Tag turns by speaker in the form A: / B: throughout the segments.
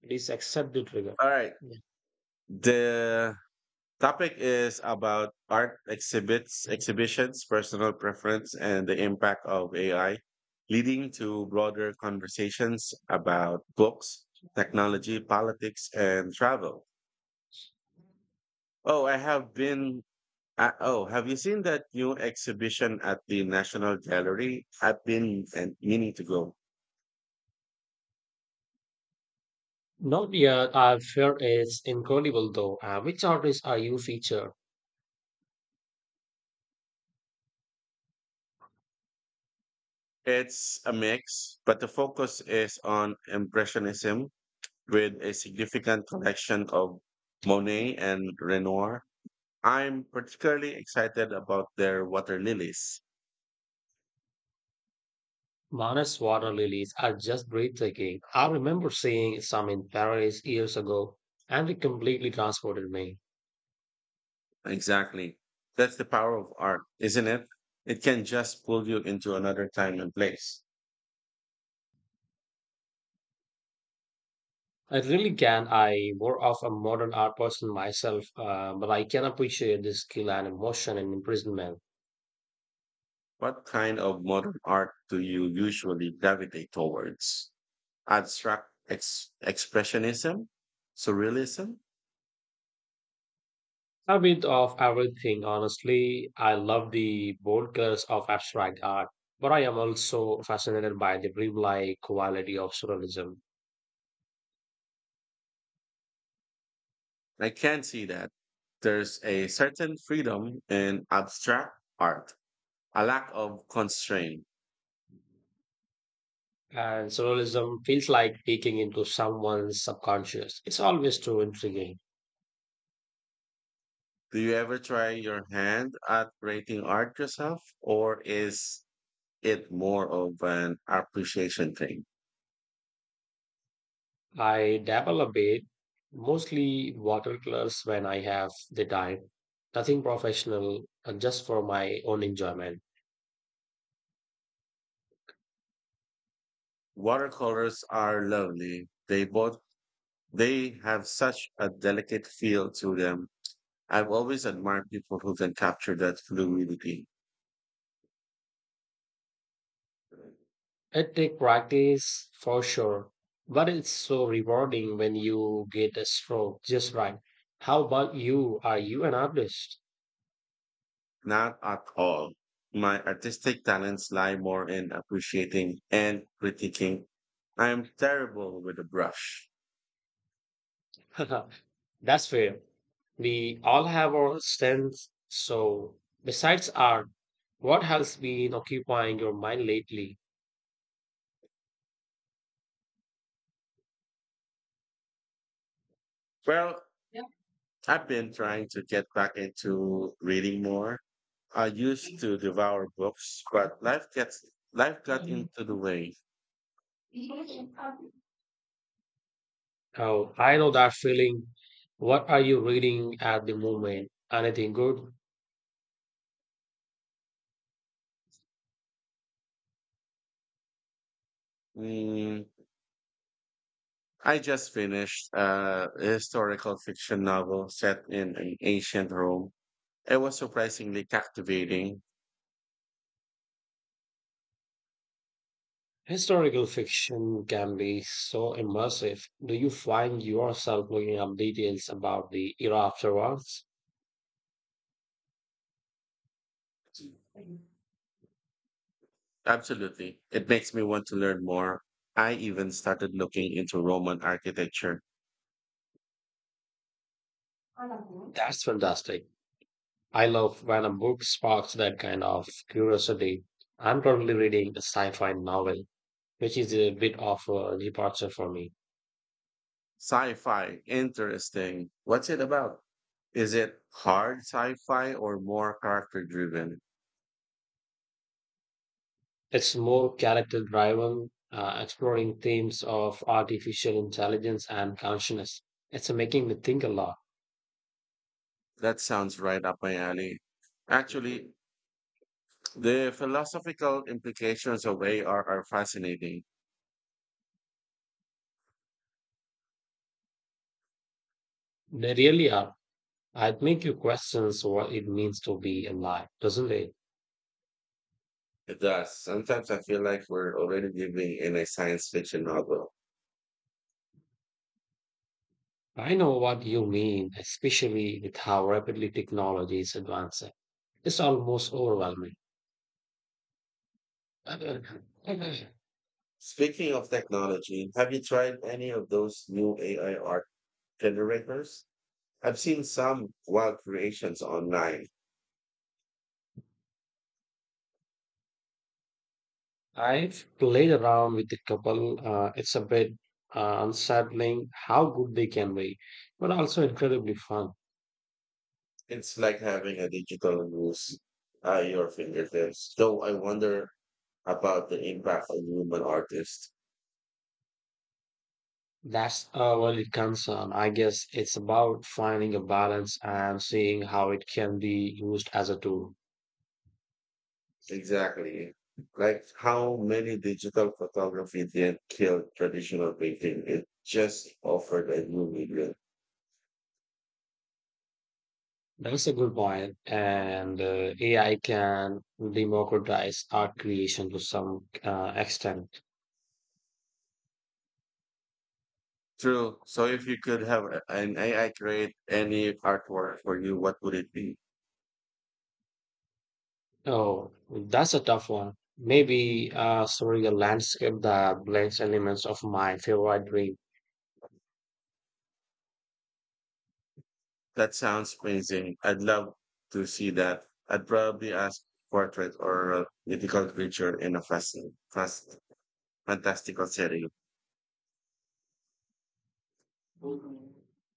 A: It is accept the trigger.
B: All right.
A: Yeah.
B: The topic is about art exhibits, exhibitions, personal preference, and the impact of AI, leading to broader conversations about books, technology, politics, and travel. Oh, I have been. Oh, have you seen that new exhibition at the National Gallery? I've been and meaning to go.
A: No, yeah, I fear it's incredible though. Which artists are you featured?
B: It's a mix, but the focus is on Impressionism with a significant collection of Monet and Renoir. I'm particularly excited about their water lilies.
A: Manus water lilies are just breathtaking. I remember seeing some in Paris years ago, and it completely transported me.
B: Exactly. That's the power of art, isn't it? It can just pull you into another time and place.
A: I really can. I more of a modern art person myself, but I can appreciate the skill and emotion in imprisonment.
B: What kind of modern art do you usually gravitate towards? Expressionism? Surrealism?
A: A bit of everything, honestly. I love the bold of abstract art, but I am also fascinated by the dreamlike quality of surrealism.
B: I can see that. There's a certain freedom in abstract art, a lack of constraint.
A: And surrealism feels like peeking into someone's subconscious. It's always too intriguing.
B: Do you ever try your hand at creating art yourself, or is it more of an appreciation thing?
A: I dabble a bit, mostly watercolors when I have the time. Nothing professional, just for my own enjoyment.
B: Watercolors are lovely. They have such a delicate feel to them. I've always admired people who can capture that fluidity.
A: It takes practice for sure, but it's so rewarding when you get a stroke just right. How about you? Are you an artist?
B: Not at all. My artistic talents lie more in appreciating and critiquing. I am terrible with a brush.
A: That's fair. We all have our strengths. So, besides art, what has been occupying your mind lately?
B: Well, I've been trying to get back into reading more. I used to devour books, but life got into the way.
A: Oh, I know that feeling. What are you reading at the moment? Anything good?
B: Mm, I just finished a historical fiction novel set in an ancient Rome. It was surprisingly captivating.
A: Historical fiction can be so immersive. Do you find yourself looking up details about the era afterwards?
B: Absolutely. It makes me want to learn more. I even started looking into Roman architecture.
A: That's fantastic. I love when a book sparks that kind of curiosity. I'm currently reading a sci-fi novel, which is a bit of a departure for me.
B: Sci fi, interesting. What's it about? Is it hard sci fi or more character driven?
A: It's more character-driven, exploring themes of artificial intelligence and consciousness. It's making me think a lot.
B: That sounds right up my alley. Actually, the philosophical implications of AR are fascinating.
A: They really are. I make you questions what it means to be alive, doesn't it?
B: It does. Sometimes I feel like we're already living in a science fiction novel.
A: I know what you mean, especially with how rapidly technology is advancing. It's almost overwhelming.
B: Speaking of technology, have you tried any of those new AI art generators? I've seen some wild creations online.
A: I've played around with a couple. It's a bit unsettling how good they can be, but also incredibly fun.
B: It's like having a digital muse at your fingertips. Though I wonder about the impact on human artists.
A: That's a valid concern. I guess it's about finding a balance and seeing how it can be used as a tool.
B: Exactly. Like how many digital photography didn't kill traditional painting. It just offered a new medium.
A: That's a good point. And AI can democratize art creation to some extent.
B: True. So if you could have an AI create any artwork for you, what would it be?
A: Oh, that's a tough one. Maybe a landscape that blends elements of my favorite dream.
B: That sounds amazing. I'd love to see that. I'd probably ask portrait or a mythical creature in a fantastical setting.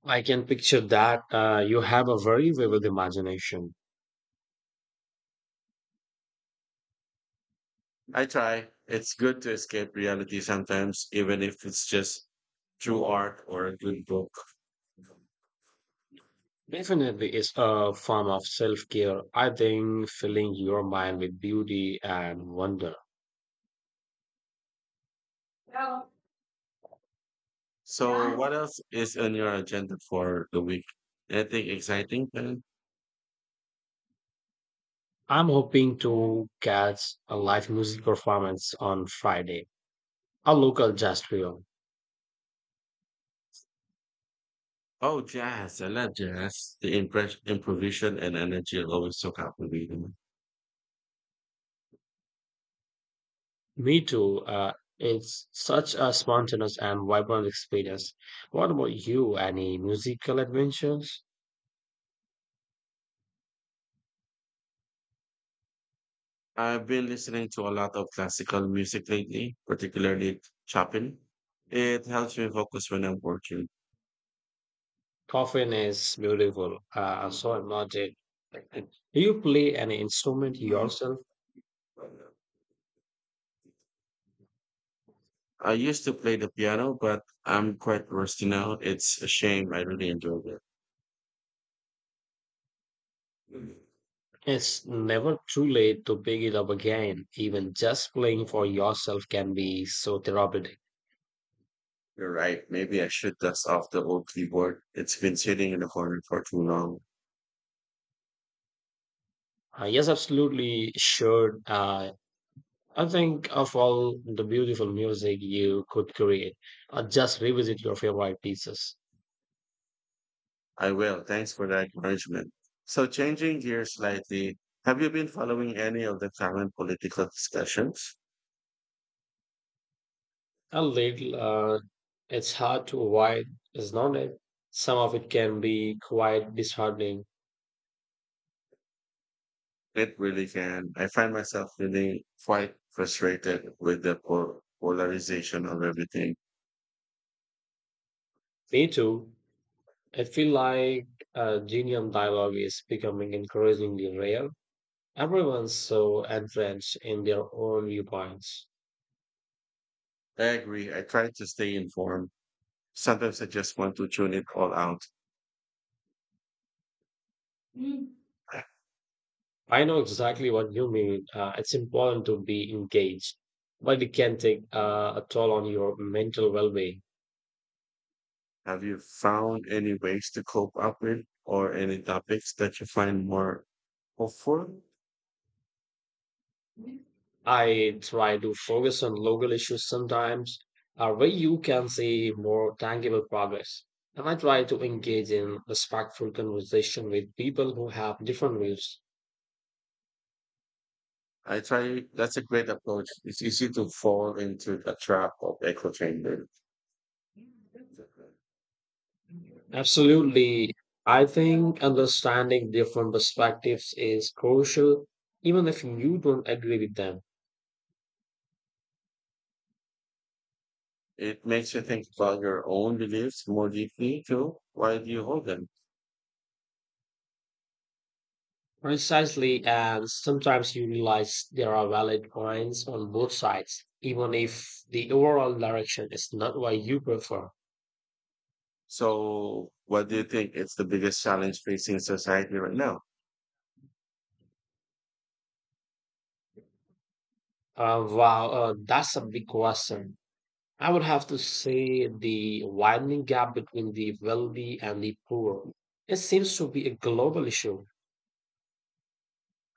A: I can picture that. You have a very vivid imagination.
B: I try. It's good to escape reality sometimes, even if it's just through art or a good book.
A: Definitely, it's a form of self care. I think filling your mind with beauty and wonder.
B: So, what else is on your agenda for the week? Anything exciting?
A: I'm hoping to catch a live music performance on Friday, a local jazz trio.
B: Oh, jazz. I love jazz. The improvisation and energy are always so captivating.
A: Me too. It's such a spontaneous and vibrant experience. What about you? Any musical adventures?
B: I've been listening to a lot of classical music lately, particularly Chopin. It helps me focus when I'm working.
A: Coffin is beautiful. So noted. Do you play any instrument yourself?
B: I used to play the piano, but I'm quite rusty now. It's a shame. I really enjoyed it. Mm.
A: It's never too late to pick it up again. Even just playing for yourself can be so therapeutic.
B: You're right. Maybe I should dust off the old keyboard. It's been sitting in the corner for too long.
A: Yes, absolutely. Sure. I think of all the beautiful music you could create, just revisit your favorite pieces.
B: I will. Thanks for that acknowledgement. So, changing gears slightly, have you been following any of the current political discussions?
A: A little, it's hard to avoid, isn't it? Some of it can be quite disheartening.
B: It really can. I find myself feeling quite frustrated with the polarization of everything.
A: Me too. I feel like genium dialogue is becoming increasingly rare. Everyone's so entrenched in their own viewpoints.
B: I agree. I try to stay informed. Sometimes I just want to tune it all out.
A: I know exactly what you mean. It's important to be engaged, but it can take a toll on your mental well being.
B: Have you found any ways to cope up with or any topics that you find more hopeful?
A: I try to focus on local issues sometimes, where you can see more tangible progress. And I try to engage in respectful conversation with people who have different views.
B: I try, that's a great approach. It's easy to fall into the trap of echo chamber.
A: Absolutely. I think understanding different perspectives is crucial, even if you don't agree with them.
B: It makes you think about your own beliefs more deeply too. Why do you hold them?
A: Precisely, and sometimes you realize there are valid points on both sides, even if the overall direction is not what you prefer.
B: So, what do you think is the biggest challenge facing society right now?
A: Wow, that's a big question. I would have to say the widening gap between the wealthy and the poor. It seems to be a global issue.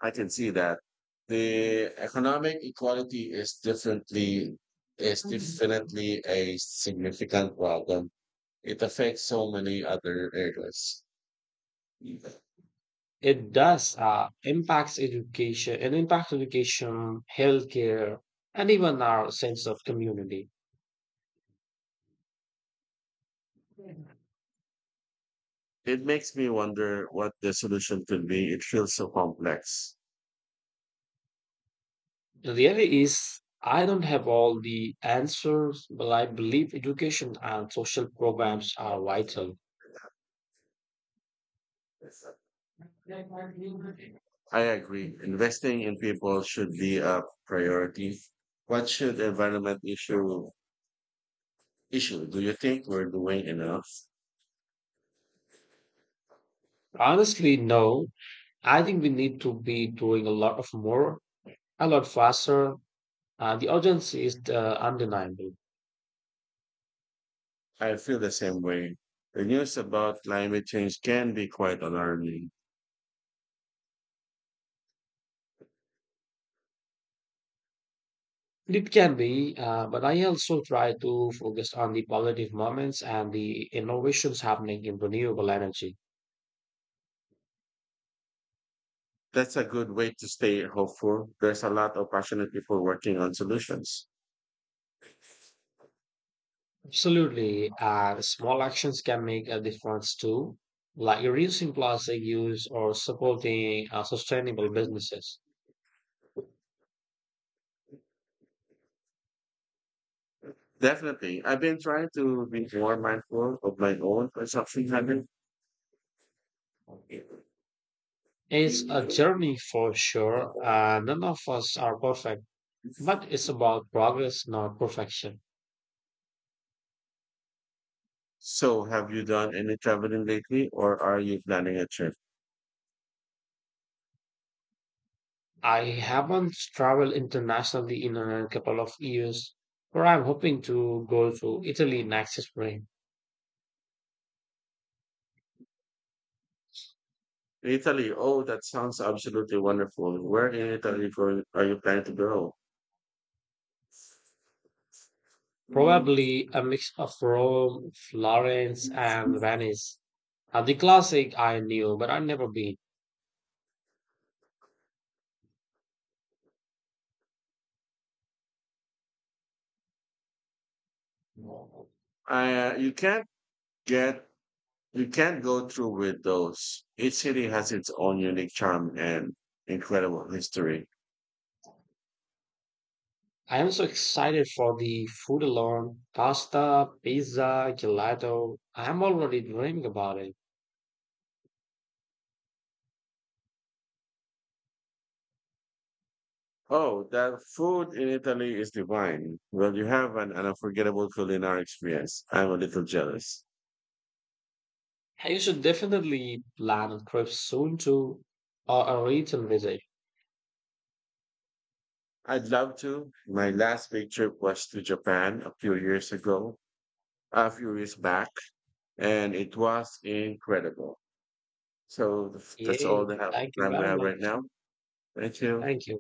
B: I can see that the economic equality is
A: Mhm.
B: definitely a significant problem. It affects so many other areas.
A: It does impacts education, healthcare, and even our sense of community.
B: It makes me wonder what the solution could be. It feels so complex.
A: Really is I don't have all the answers, but I believe education and social programs are vital.
B: I agree. Investing in people should be a priority. What should environment issue? Do you think we're doing enough?
A: Honestly, no. I think we need to be doing a lot of more, a lot faster. The urgency is undeniable.
B: I feel the same way. The news about climate change can be quite alarming.
A: It can be, but I also try to focus on the positive moments and the innovations happening in renewable energy.
B: That's a good way to stay hopeful. There's a lot of passionate people working on solutions.
A: Absolutely. And small actions can make a difference too, like reducing plastic use or supporting sustainable businesses.
B: Definitely. I've been trying to be more mindful of my own consumption habits.
A: It's a journey for sure, and none of us are perfect, but it's about progress, not perfection.
B: So, have you done any traveling lately, or are you planning a trip?
A: I haven't traveled internationally in a couple of years, but I'm hoping to go to Italy next spring.
B: Italy, oh, that sounds absolutely wonderful. Where in Italy for, are you planning to go?
A: Probably a mix of Rome, Florence, and Venice. The classic I knew, but I've never been.
B: You can't get, you can't go through with those. Each city has its own unique charm and incredible history.
A: I am so excited for the food alone. Pasta, pizza, gelato. I am already dreaming about it.
B: Oh, that food in Italy is divine. Well, you have an unforgettable culinary experience. I'm a little jealous.
A: Hey, you should definitely plan a trip soon to or a return visit.
B: I'd love to. My last big trip was to Japan a few years back, and it was incredible. So that's all
A: Yay.
B: the
A: Thank you
B: time we
A: very
B: have right
A: much.
B: now. Thank you.
A: Thank you.